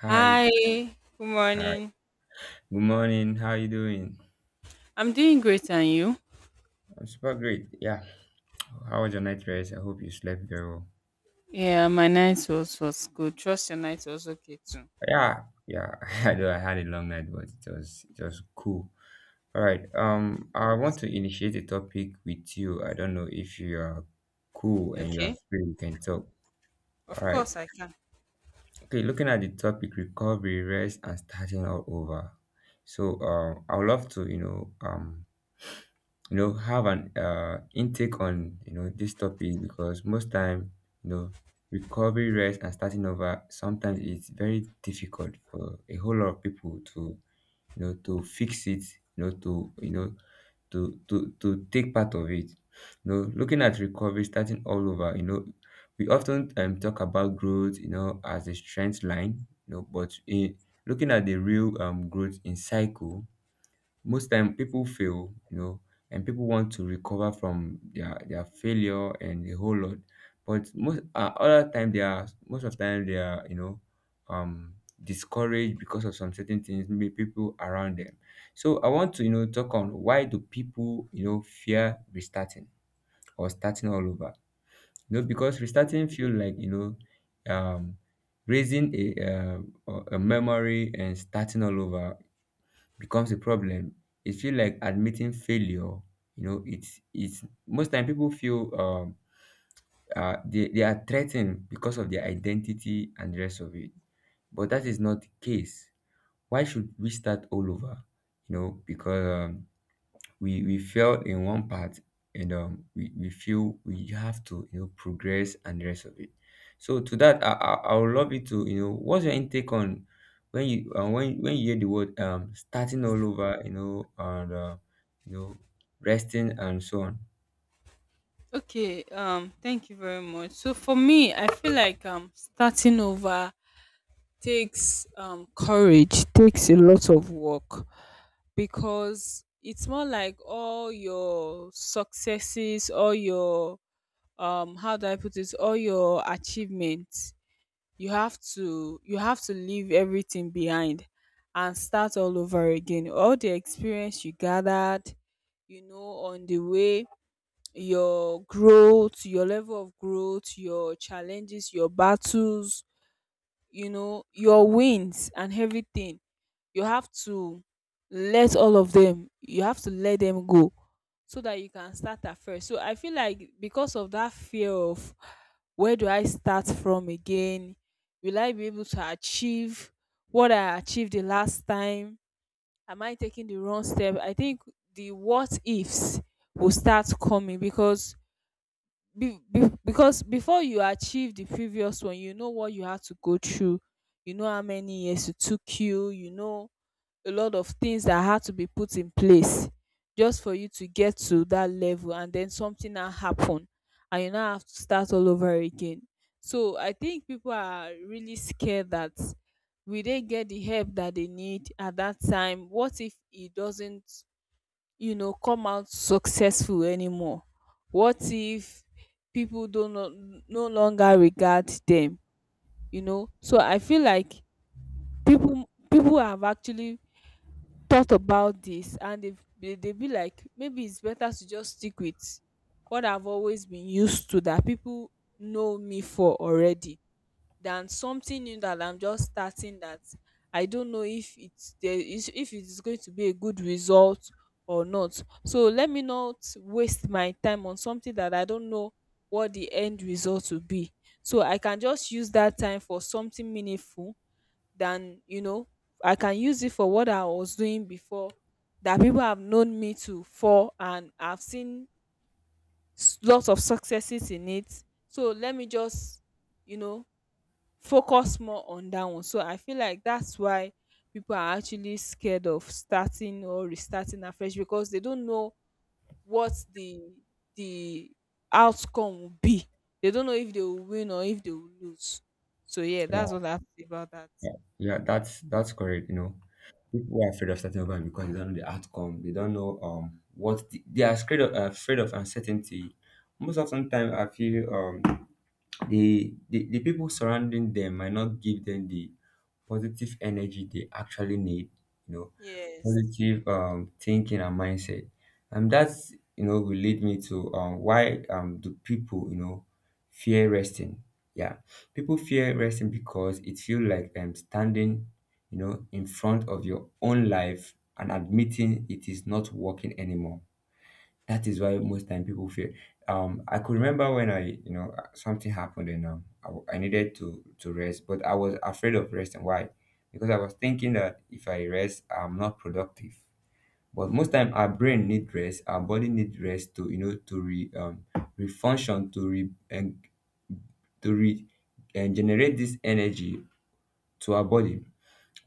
Hi. Hi, good Hi. morning. Good morning. How are you doing? I'm doing great, and you? I'm super great. Yeah. How was your night rest? I hope you slept very well. Yeah, my night was good. Trust your night was okay too. Yeah. Yeah. I know I had a long night, but it was cool. All right. I want to initiate a topic with you. I don't know if you are cool and you are Okay, free, we can talk. All of right. course I can. Okay, looking at the topic recovery, rest and starting all over. So I would love to have an intake on this topic, because most time you know recovery rest and starting over sometimes it's very difficult for a whole lot of people to fix it you know to you know to take part of it, looking at recovery starting all over. We often talk about growth, as a strength line, but in looking at the real growth in cycle, most time people fail, and people want to recover from their failure and the whole lot. But most of the time they are, um discouraged because of some certain things, maybe people around them. So I want to talk on, why do people fear restarting or starting all over? Because restarting feel like, um raising a, a memory, and starting all over becomes a problem. It feel like admitting failure. It's most time people feel they are threatened because of their identity and the rest of it. But that is not the case. Why should we start all over? Because we failed in one part, and we feel we have to progress and the rest of it. So to that, I would love you to what's your intake on, when you when you hear the word starting all over, and you know resting and so on. Okay, thank you very much. So for me, I feel like starting over takes courage, takes a lot of work because it's more like all your successes, all your how do I put it, all your achievements you have to leave everything behind and start all over again, all the experience you gathered, you know, on the way, your growth, your level of growth, your challenges, your battles, you know, your wins and everything. You have to let all of them, you have to let them go so that you can start afresh. So I feel like because of that fear of, where do I start from again? Will I be able to achieve what I achieved the last time? Am I taking the wrong step? I think the what ifs will start coming because because before you achieve the previous one, you know what you had to go through, you know how many years it took you, you know a lot of things that had to be put in place just for you to get to that level, and then something now happen and you now have to start all over again. So I think people are really scared that, will they get the help that they need at that time? What if it doesn't, you know, come out successful anymore? What if people don't no longer regard them? You know, so I feel like people have actually thought about this, and they be like, maybe it's better to just stick with what I've always been used to, that people know me for already, than something new that I'm just starting, that I don't know if it's there is if it is going to be a good result or not. So let me not waste my time on something that I don't know what the end result will be. So I can just use that time for something meaningful than, you know, I can use it for what I was doing before, that people have known me to for, and I've seen lots of successes in it. So let me just, you know, focus more on that one. So I feel like that's why people are actually scared of starting or restarting afresh, because they don't know what the outcome will be. They don't know if they will win or if they will lose. So yeah, Yeah, that's what I have to say about that. yeah, yeah, that's correct. People are afraid of starting over because they don't know the outcome. They don't know, what the, they are scared of, afraid of uncertainty. Most often time I feel the people surrounding them might not give them the positive energy they actually need, you know Yes. positive thinking and mindset. And that's, will lead me to, why do people fear resting. Yeah, people fear resting because it feels like standing, in front of your own life and admitting it is not working anymore. That is why most time people fail. I could remember when I, something happened, and I needed to rest, but I was afraid of resting. Why? Because I was thinking that if I rest, I'm not productive. But most time, our brain need rest, our body need rest to, to re refunction, to re and generate this energy to our body.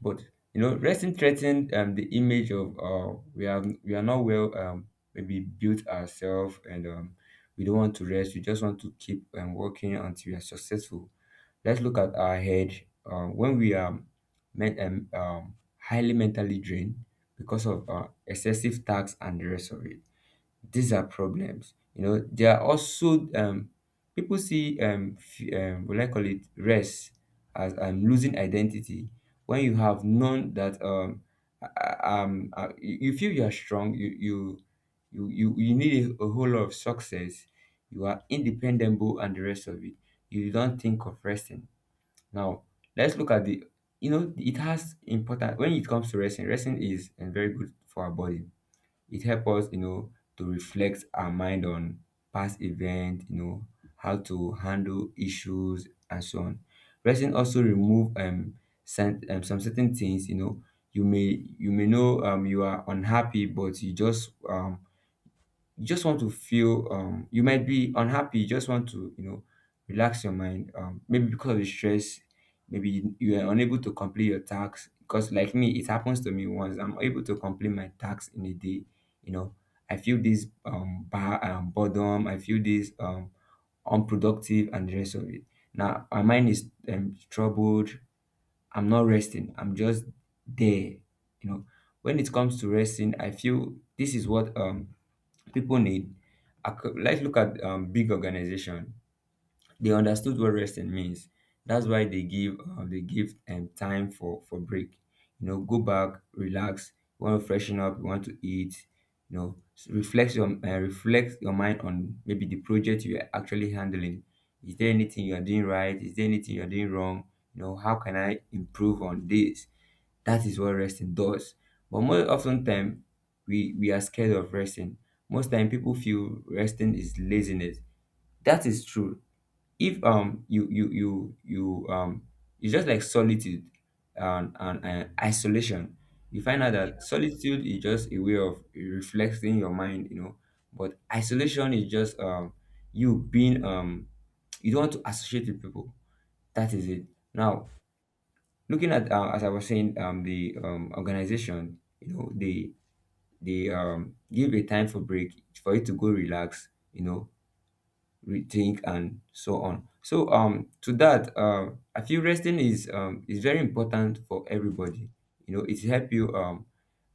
But, resting threatened the image of, we are not well, maybe built ourselves, and we don't want to rest. We just want to keep working until we are successful. Let's look at our head. When we are highly mentally drained because of excessive tax and the rest of it, these are problems. There are also, people see, what I call it rest, as losing identity. When you have known that, you feel you are strong, you need a whole lot of success, you are independable and the rest of it, you don't think of resting. Now let's look at the it has important when it comes to resting. Resting is very good for our body. It helps us, to reflect our mind on past events, how to handle issues and so on. Resting also remove, some certain things, you may know you are unhappy, but you just want to feel you might be unhappy, you just want to relax your mind, maybe because of the stress, maybe you are unable to complete your tax. Because like me, it happens to me. Once I'm able to complete my tax in a day, you know I feel this bar boredom, I feel this, unproductive and the rest of it. Now my mind is troubled, I'm not resting, I'm just there, you know when it comes to resting, I feel this is what people need. Let's look at big organization. They understood what resting means. That's why they give time for break. Go back, relax. You want to freshen up. You want to eat. Reflect your mind on maybe the project you are actually handling. Is there anything you are doing right? Is there anything you are doing wrong? How can I improve on this? That is what resting does. But more often time, we are scared of resting. Most time, people feel resting is laziness. That is true. If you you you you it's just like solitude, and isolation. You find out Yeah. that solitude is just a way of reflecting your mind. But isolation is just you being, you don't want to associate with people. That is it. Now, looking at, as I was saying, the organization, they give a time for break, for you to go relax, rethink and so on. So to that, I feel resting is very important for everybody. It help you, um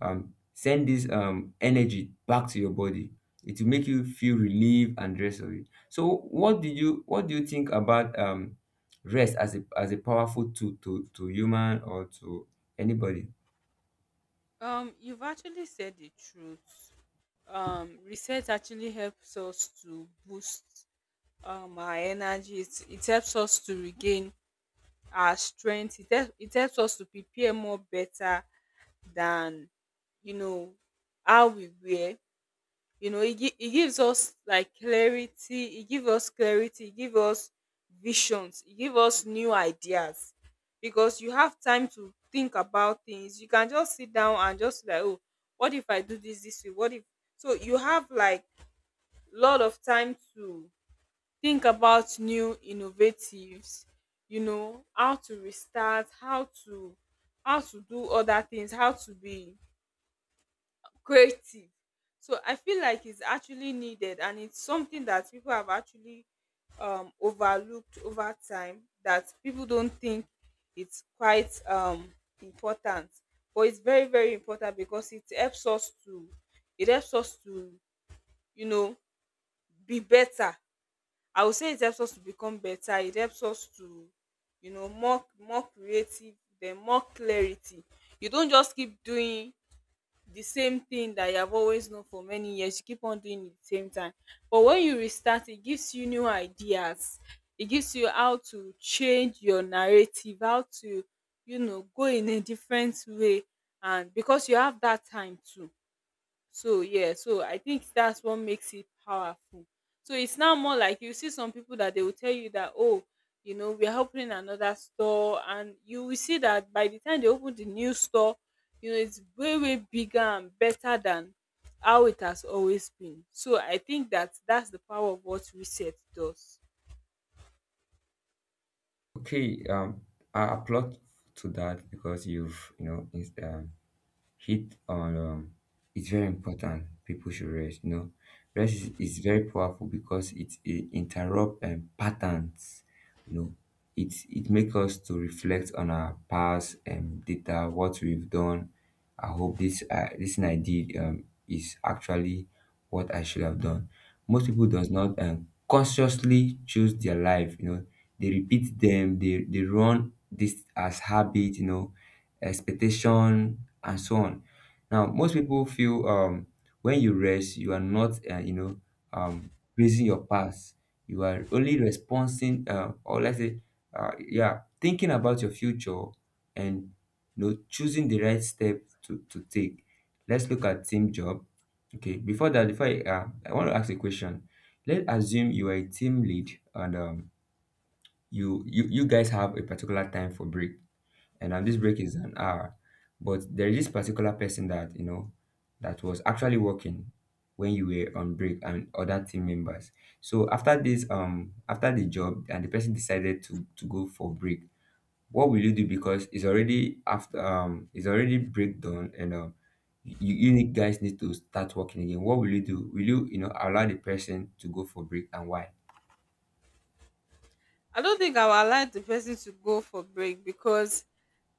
um send this energy back to your body. It will make you feel relieved and rest of it. So what do you think about rest as a powerful tool to human or to anybody? You've actually said the truth. Research actually helps us to boost our energy. It helps us to regain our strength. It helps us to prepare more better than, you know, how we were. You know, it gives us like clarity. It gives us clarity. It gives us visions. It gives us new ideas because you have time to think about things. You can just sit down and just like, oh, what if I do this this way? What if? So you have like lot of time to think about new innovatives, you know, how to restart, how to do other things, how to be creative. So I feel like it's actually needed, and it's something that people have actually overlooked over time, that people don't think it's quite important. But it's very very important because it helps us to, it helps us to you know, be better. I would say it helps us to become better. It helps us to, you know, more more creative, then more clarity. You don't just keep doing the same thing that you have always known for many years. You keep on doing it the same time. But when you restart, it gives you new ideas. It gives you how to change your narrative, how to, you know, go in a different way. And because you have that time too. So yeah, so I think that's what makes it powerful. So it's now more like you see some people that they will tell you that, oh, you know, we're opening another store, and you will see that by the time they open the new store, you know, it's way way bigger and better than how it has always been. So I think that that's the power of what reset does. Okay. I applaud to that, because you've, is hit on, it's very important people should rest. Rest is very powerful because it interrupt patterns. you know it makes us to reflect on our past, data, what we've done. I hope this, this thing I did, is actually what I should have done. Most people does not, consciously choose their life. They repeat them, they run this as habit, expectation, and so on. Now, most people feel, when you rest, you are not, praising your past. You are only responding, or let's say, yeah, thinking about your future, and, choosing the right step to take. Let's look at team job. Okay, before that, before I want to ask a question. Let's assume you are a team lead, and you guys have a particular time for break, and this break is an hour. But there is this particular person that you know that was actually working when you were on break and other team members. So after this, after the job, and the person decided to go for break. What will you do? Because it's already after, it's already break done, and guys need to start working again. What will you do? Will you you know allow the person to go for break, and why? I don't think I will allow the person to go for break because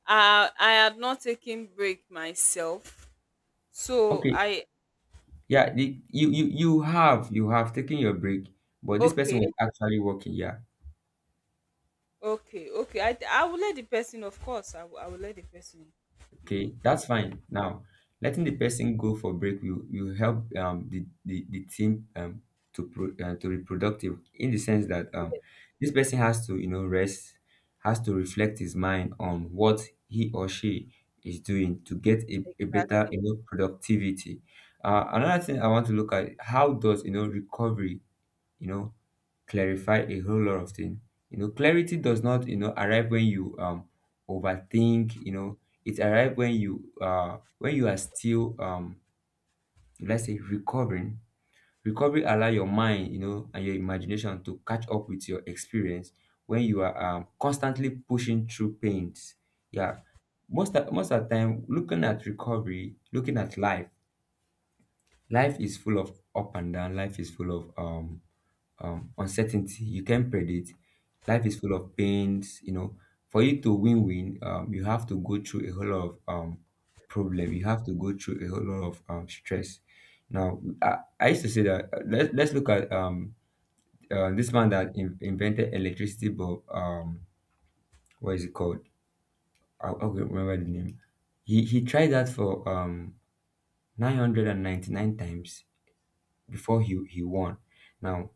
I had not taken break myself. So Okay, I— yeah, the, you you have taken your break, but this person Okay. was actually working. Yeah. Okay, I will let the person, of course. I will let the person, you Okay, know. that's fine. Now, letting the person go for break will help, the team, to be productive, in the sense that Yes, this person has to rest, has to reflect his mind on what he or she is doing, to get a better exactly. Productivity. Another thing I want to look at: how does recovery you know clarify a whole lot of things. Clarity does not, arrive when you overthink, it arrives when you are still, let's say, recovering. Recovery allow your mind, and your imagination to catch up with your experience when you are constantly pushing through pains. Yeah. Most of the time, looking at recovery, looking at life, life is full of up and down. Life is full of uncertainty. You can't predict. Life is full of pains. You know, for you to win-win, you have to go through a whole lot of problem. You have to go through a whole lot of stress. Now, I used to say that let's look at this man that invented electricity bulb. What is it called? I can't remember the name. He tried that for 999 times before he won. Now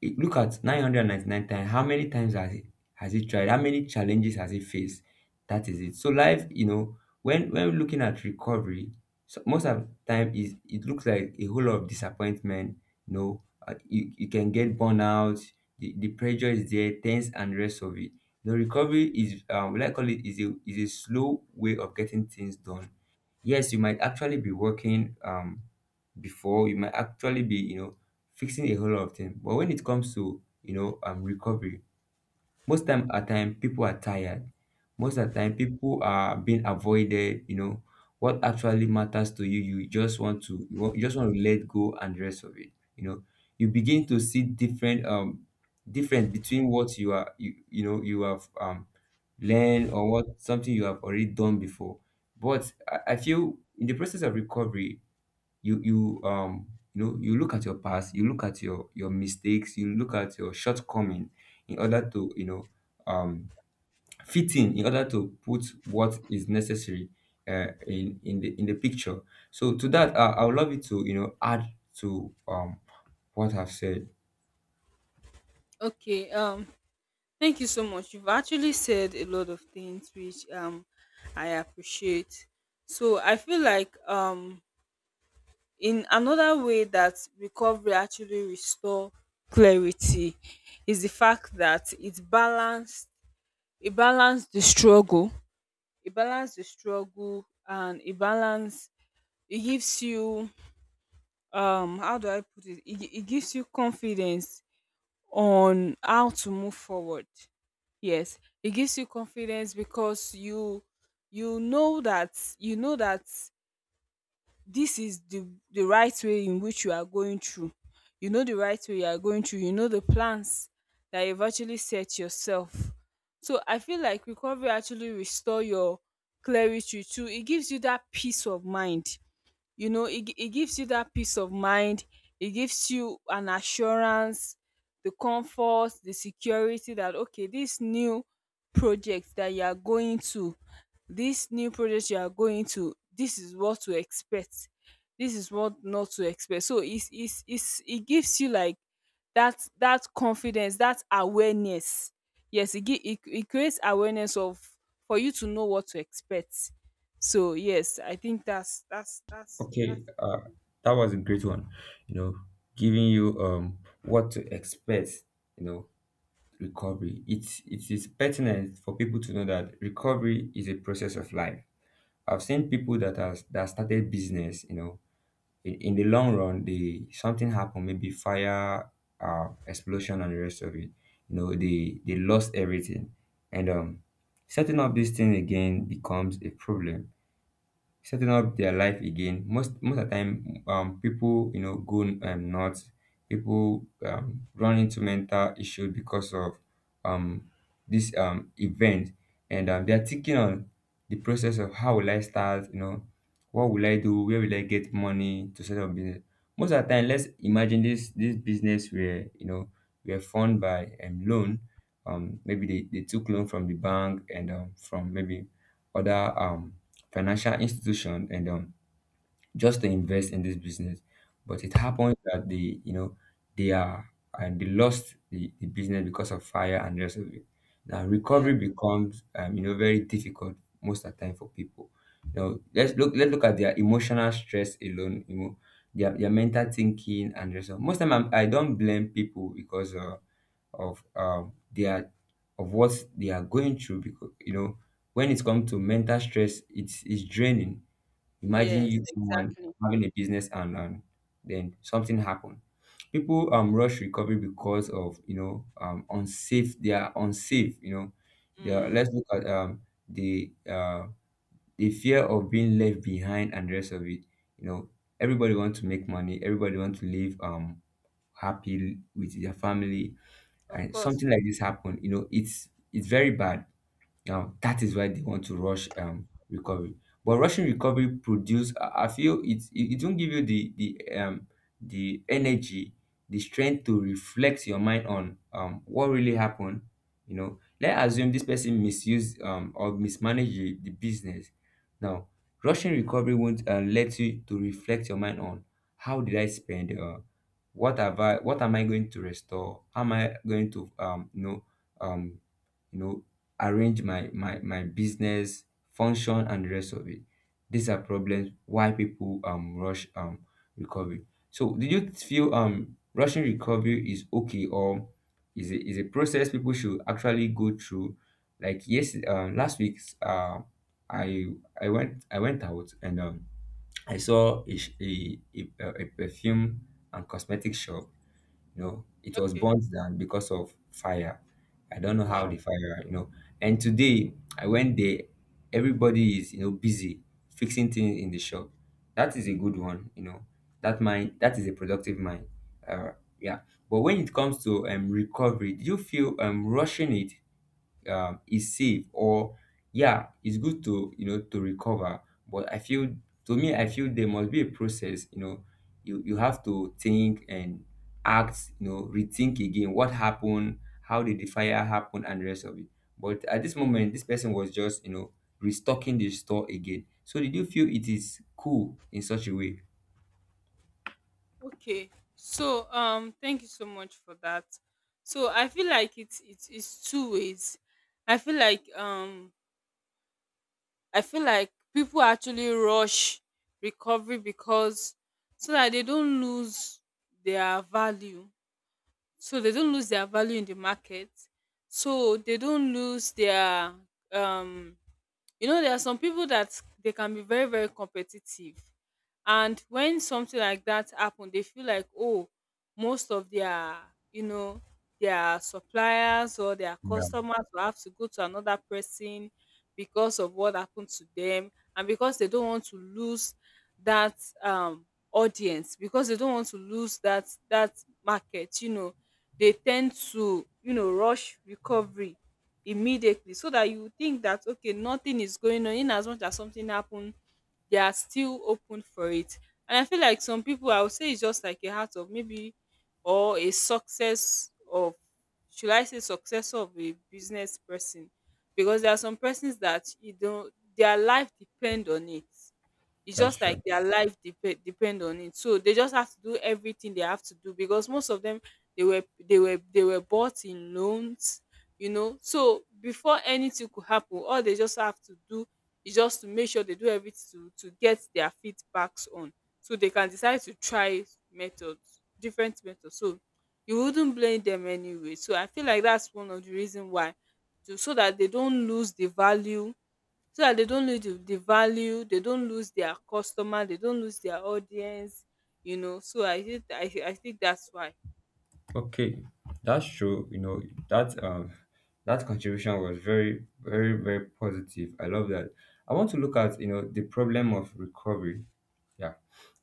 look at 999 times, how many times has he tried, how many challenges has he faced? That is it. So life, you know, when looking at recovery, so most of the time is it looks like a whole lot of disappointment. You know, you, you can get burnout. The pressure is there, tense and rest of it. The recovery is like I call it, is a slow way of getting things done. Yes, you might actually be working before. You might actually be, you know, fixing a whole lot of things, but when it comes to, you know, recovery, most time, at time, people are tired. Most of the time people are being avoided. You know, what actually matters to you, you just want to you just want to let go and the rest of it. You know, you begin to see different different between what you are, you know, you have learned or what, something you have already done before. But I feel in the process of recovery, you you know, you look at your past, you look at your mistakes, you look at your shortcoming in order to, you know, um fit in order to put what is necessary, in in the picture. So to that, I would love you to, you know, add to what I've said. Okay. Thank you so much. You've actually said a lot of things which I appreciate. So I feel like in another way that recovery actually restore clarity is the fact that it balanced the struggle. It balance the struggle and it balance It gives you how do I put it it gives you confidence on how to move forward. Yes, it gives you confidence because you know that, you know that this is the right way in which you are going through, you know, the right way you are going through, you know, the plans that you've actually set yourself. So I feel like recovery actually restore your clarity too. It gives you that peace of mind. You know, it gives you that peace of mind. It gives you an assurance, the comfort, the security that okay, project that you are going to this new project you are going to, this is what to expect, this is what not to expect. So it's it gives you like that that confidence, that awareness. Yes, it creates awareness of, for you to know what to expect. So yes, I think that's Okay. it. That was a great one, you know, giving you what to expect, you know. Recovery, it is pertinent for people to know that recovery is a process of life. I've seen people that has that started business, you know, in the long run, they, something happened, maybe fire, explosion, and the rest of it. You know, they lost everything, and setting up this thing again becomes a problem, setting up their life again. Most of the time, people, you know, go nuts. People run into mental issues because of um, this event, and they are thinking on the process of how will I start. You know, what will I do? Where will I get money to set up business? Most of the time, let's imagine this business, where, you know, were funded by loan. Maybe they took loan from the bank, and from maybe other financial institutions and endowed, just to invest in this business. But it happened that they, you know, they are, and they lost the business because of fire and the rest of it. Now Yeah. recovery becomes you know, very difficult most of the time for people. You know, let's look at their emotional stress alone, you know, their mental thinking and the rest of, most time I don't blame people because of their, of what they are going through, because you know, when it comes to mental stress, it's draining. Imagine Yes, you, someone exactly. having a business, and then something happened. People rush recovery because of, you know, unsafe. They are unsafe. You know, they are, Mm, let's look at the uh the fear of being left behind and the rest of it. You know, everybody wants to make money. Everybody wants to live happy with their family. of And course. something like this happened. You know, it's very bad. Now that is why they want to rush recovery. But rushing recovery produce, I feel it won't give you the the energy, the strength to reflect your mind on what really happened. You know, let's assume this person misuse or mismanage the business. Now, rushing recovery won't let you to reflect your mind on how did I spend, what am I going to restore? How am I going to, you know, um you know arrange my business function and the rest of it. These are problems why people rush recovery. So do you feel rushing recovery is okay, or is a, is a process people should actually go through? Like, yes, last week, i I went out, and I saw a a perfume and cosmetic shop. You know, it was Okay. burnt down because of fire. I don't know how the Wow. fire, you know. And today I went there, everybody is, you know, busy fixing things in the shop. That is a good one, you know. That mind, that is a productive mind. uh, yeah. But when it comes to recovery, do you feel rushing it is safe? Or, yeah, it's good to, you know, to recover, but I feel, to me I feel there must be a process. You know, you have to think and act, you know, rethink again, what happened, how did the fire happen and the rest of it. But at this moment this person was just, you know, restocking the store again. So did you feel it is cool in such a way? Okay. So thank you so much for that. So I feel like it's it's two ways. I feel like um I feel like people actually rush recovery because, so that they don't lose their value. So they don't lose their value in the market. So they don't lose their um you know, there are some people that they can be very very competitive, and when something like that happen they feel like, oh, most of their, you know, their suppliers or their Yeah, customers will have to go to another person because of what happened to them. And because they don't want to lose that um audience, because they don't want to lose that that market, you know, they tend to, you know, rush recovery immediately, so that you think that okay, nothing is going on, in as much as something happened, they are still open for it. And I feel like some people, I would say it's just like a heart of maybe, or a success of, should I say success of a business person, because there are some persons that, you don't, their life depend on it. It's that's just true. like their life dep- depend on it, so they just have to do everything they have to do, because most of them, they were they were bought in loans, you know. So before anything could happen, all they just have to do is just to make sure they do everything to get their feedbacks on, so they can decide to try methods, different methods. So you wouldn't blame them anyway. So I feel like that's one of the reason why, to so that they don't lose the value, so that they don't lose the value, they don't lose their customer, they don't lose their audience. You know, so I think that's why. Okay, that's true. You know that that contribution was very very very positive. I love that. I want to look at, you know, the problem of recovery. Yeah,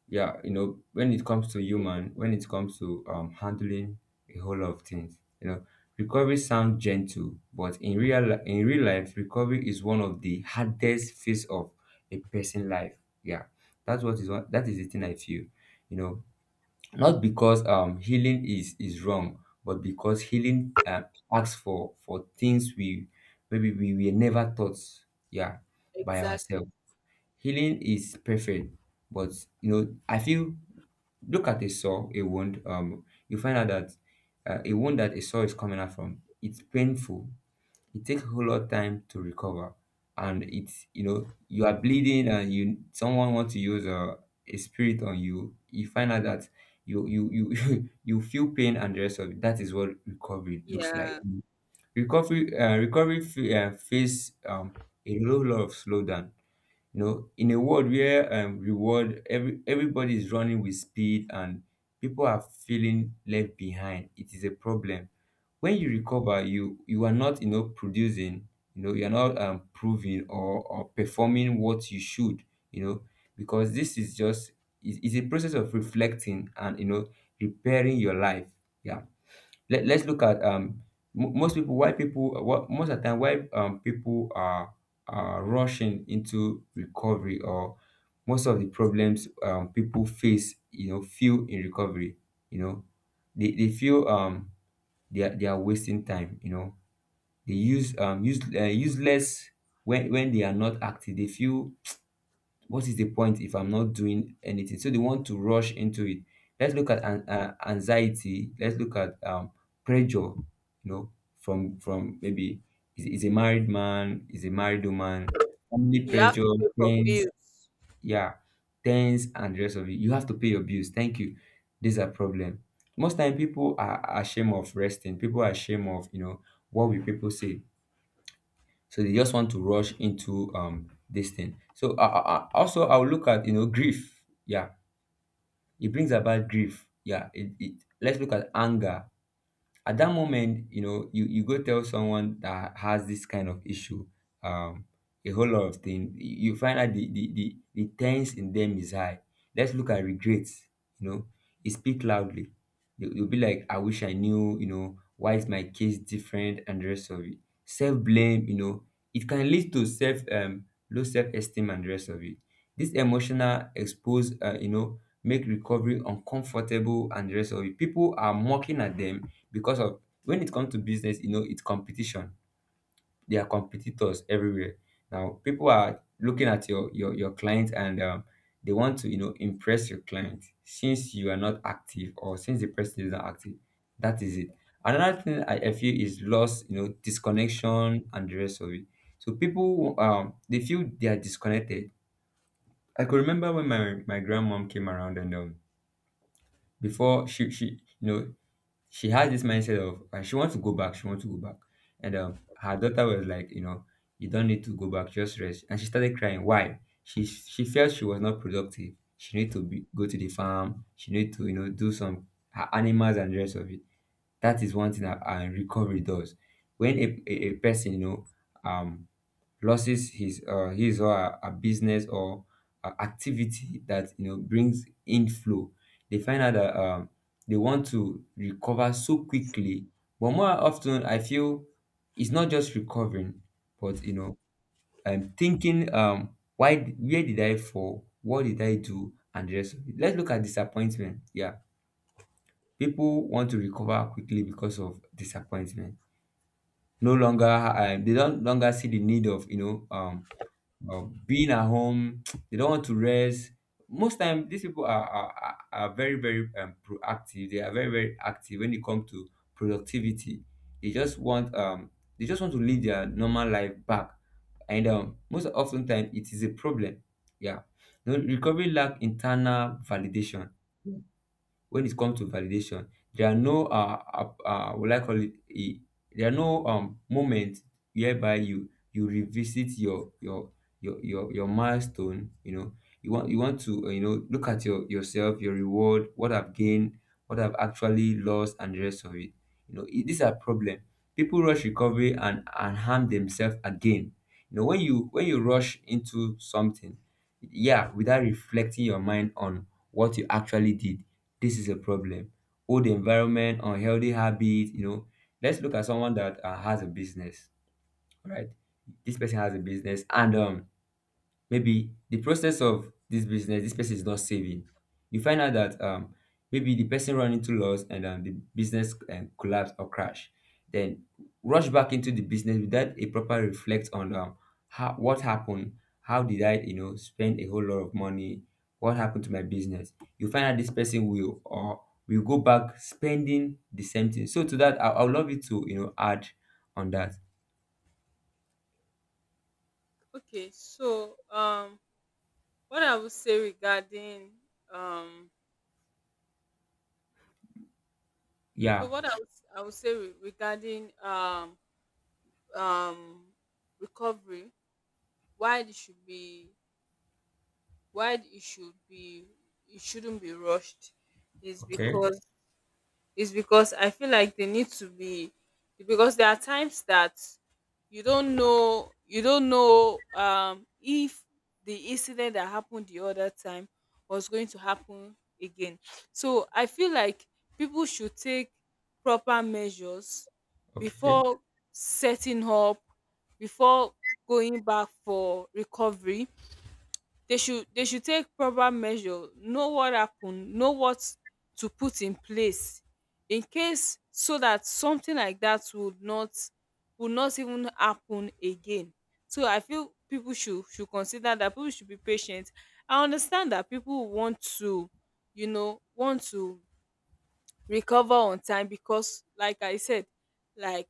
yeah. You know, when it comes to Okay. human, when it comes to handling a whole lot of things. You know, recovery sounds gentle, but in real in real life, recovery is one of the hardest phase of a person life. Yeah, that is the thing I feel. You know, not because healing is wrong, but because healing, asks for things we, maybe we were never taught. Yeah, by Exactly. ourselves. Healing is perfect, but, you know, I feel, look at a saw, a wound, you find out that, a wound that a saw is coming out from, it's painful. It takes a whole lot of time to recover, and it's, you know, you are bleeding, and you, someone wants to use a spirit on you, you find out that you you feel pain and the rest of it. That is what recovery looks like. Yeah, Recovery, face a whole lot of slowdown. You know, in a world where, reward, everybody is running with speed, and people are feeling left behind, it is a problem. When you recover, you are not, you know, producing. You know, you are not, proving or performing what you should, you know, because this is just, is a process of reflecting and, you know, repairing your life. Yeah. Let's look at mo most people, why people, what most of the time, why people are rushing into recovery, or most of the problems people face, you know, feel in recovery. You know, they feel they are wasting time. You know, they use useless when they are not active. They feel, what is the point if I'm not doing anything? So they want to rush into it. Let's look at anxiety, let's look at pressure. You know, from maybe is a married man, is a married woman, family you have to pressure, pay for tense. bills. Yeah, tense and the rest of it, you have to pay your bills. Thank you. These are problem. Most time people are ashamed of resting, people are ashamed of, you know, what will people say. So they just want to rush into this thing. So also I'll look at, you know, grief. Yeah, it brings about grief. Yeah, it let's look at anger. At that moment, you know, you go tell someone that has this kind of issue, um a whole lot of things, you find out the tense in them is high. Let's look at regrets. You know, it speak loudly. You, you'll be like, I wish I knew, you know, why is my case different and the rest of it. Self-blame, you know, it can lead to self, low self-esteem and the rest of it. This emotional expose, you know, make recovery uncomfortable and the rest of it. People are mocking at Them, because of when it comes to business, you know, it's competition. There are competitors everywhere. Now people are looking at your client, and they want to you know impress your client, since you are not active, or since the person is not active. That is it. Another thing I feel is loss, you know, disconnection and the rest of it. So people they feel they are disconnected. I could remember when my grandmom came around, and before she you know, she has this mindset of, and she wants to go back, she wants to go back. And her daughter was like, you know, you don't need to go back, just rest. And she started crying. Why? She felt she was not productive, she need to be, go to the farm, she need to you know do some her animals and the rest of it. That is one thing that recovery does. When a person, you know, um losses his or her business, or a activity that you know brings in flow, they find out that they want to recover so quickly. But more often I feel it's not just recovering, but you know, I'm thinking why, where did I fall, what did I do and the rest of it. Let's look at disappointment, yeah. People want to recover quickly because of disappointment. No longer they don't longer see the need of you know being at home. They don't want to rest. Most time these people are very very proactive, they are very very active when it comes to productivity. They just want they just want to live their normal life back. And most often time it is a problem. Yeah. You know, recovery lack internal validation. When it comes to validation, there are no will I call it there are no moments whereby you revisit your milestone, you know. You want to you know look at yourself your reward, what I've gained, what I've actually lost and the rest of it. You know these are problem. People rush recovery and harm themselves again. You know, when you rush into something, yeah, without reflecting your mind on what you actually did, this is a problem. Old environment, unhealthy habits, you know. Let's look at someone that has a business, right? This person has a business, and maybe the process of this business, this person is not saving. You find out that maybe the person run into loss, and the business collapse or crash. Then rush back into the business without a proper reflect on how, what happened, how did I you know spend a whole lot of money, what happened to my business. You find out this person will, or will go back spending the same thing. So to that, I would love you to you know add on that. Okay, so what I would say regarding um, Yeah, so what I would say regarding um recovery, why it should be, why it should be it shouldn't be rushed, is okay, because, I feel like they need to be, because there are times that you don't know if the incident that happened the other time was going to happen again. So I feel like people should take proper measures okay. before setting up, before going back for recovery. They should, they should take proper measure, know what happen, know what to put in place in case, so that something like that would not, would not even happen again. So I feel people should consider that, people should be patient. I understand that people want to, you know, want to recover on time, because like I said, like,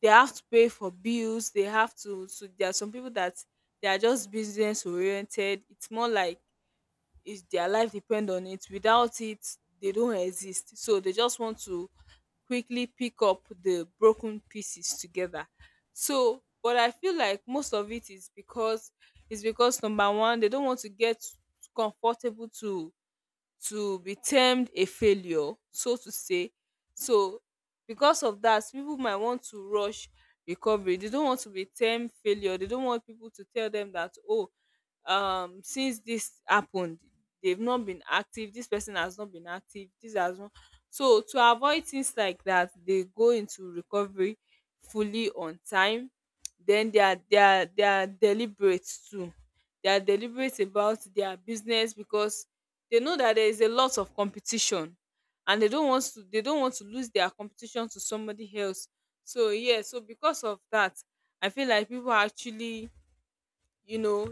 they have to pay for bills, they have to. So there are some people that they are just business oriented. It's more like is their life depend on it, without it they don't exist. So they just want to quickly pick up the broken pieces together. So but I feel like most of it is because, is because number one, they don't want to get comfortable to be termed a failure, so to say. So because of that, people might want to rush recovery. They don't want to be termed failure, they don't want people to tell them that oh, since this happened they've not been active, this person has not been active, this has not. So to avoid things like that, they go into recovery fully on time. Then they are they are deliberate too, they are deliberate about their business because they know that there is a lot of competition, and they don't want to, they don't want to lose their competition to somebody else. So yeah, so because of that, I feel like people are actually, you know,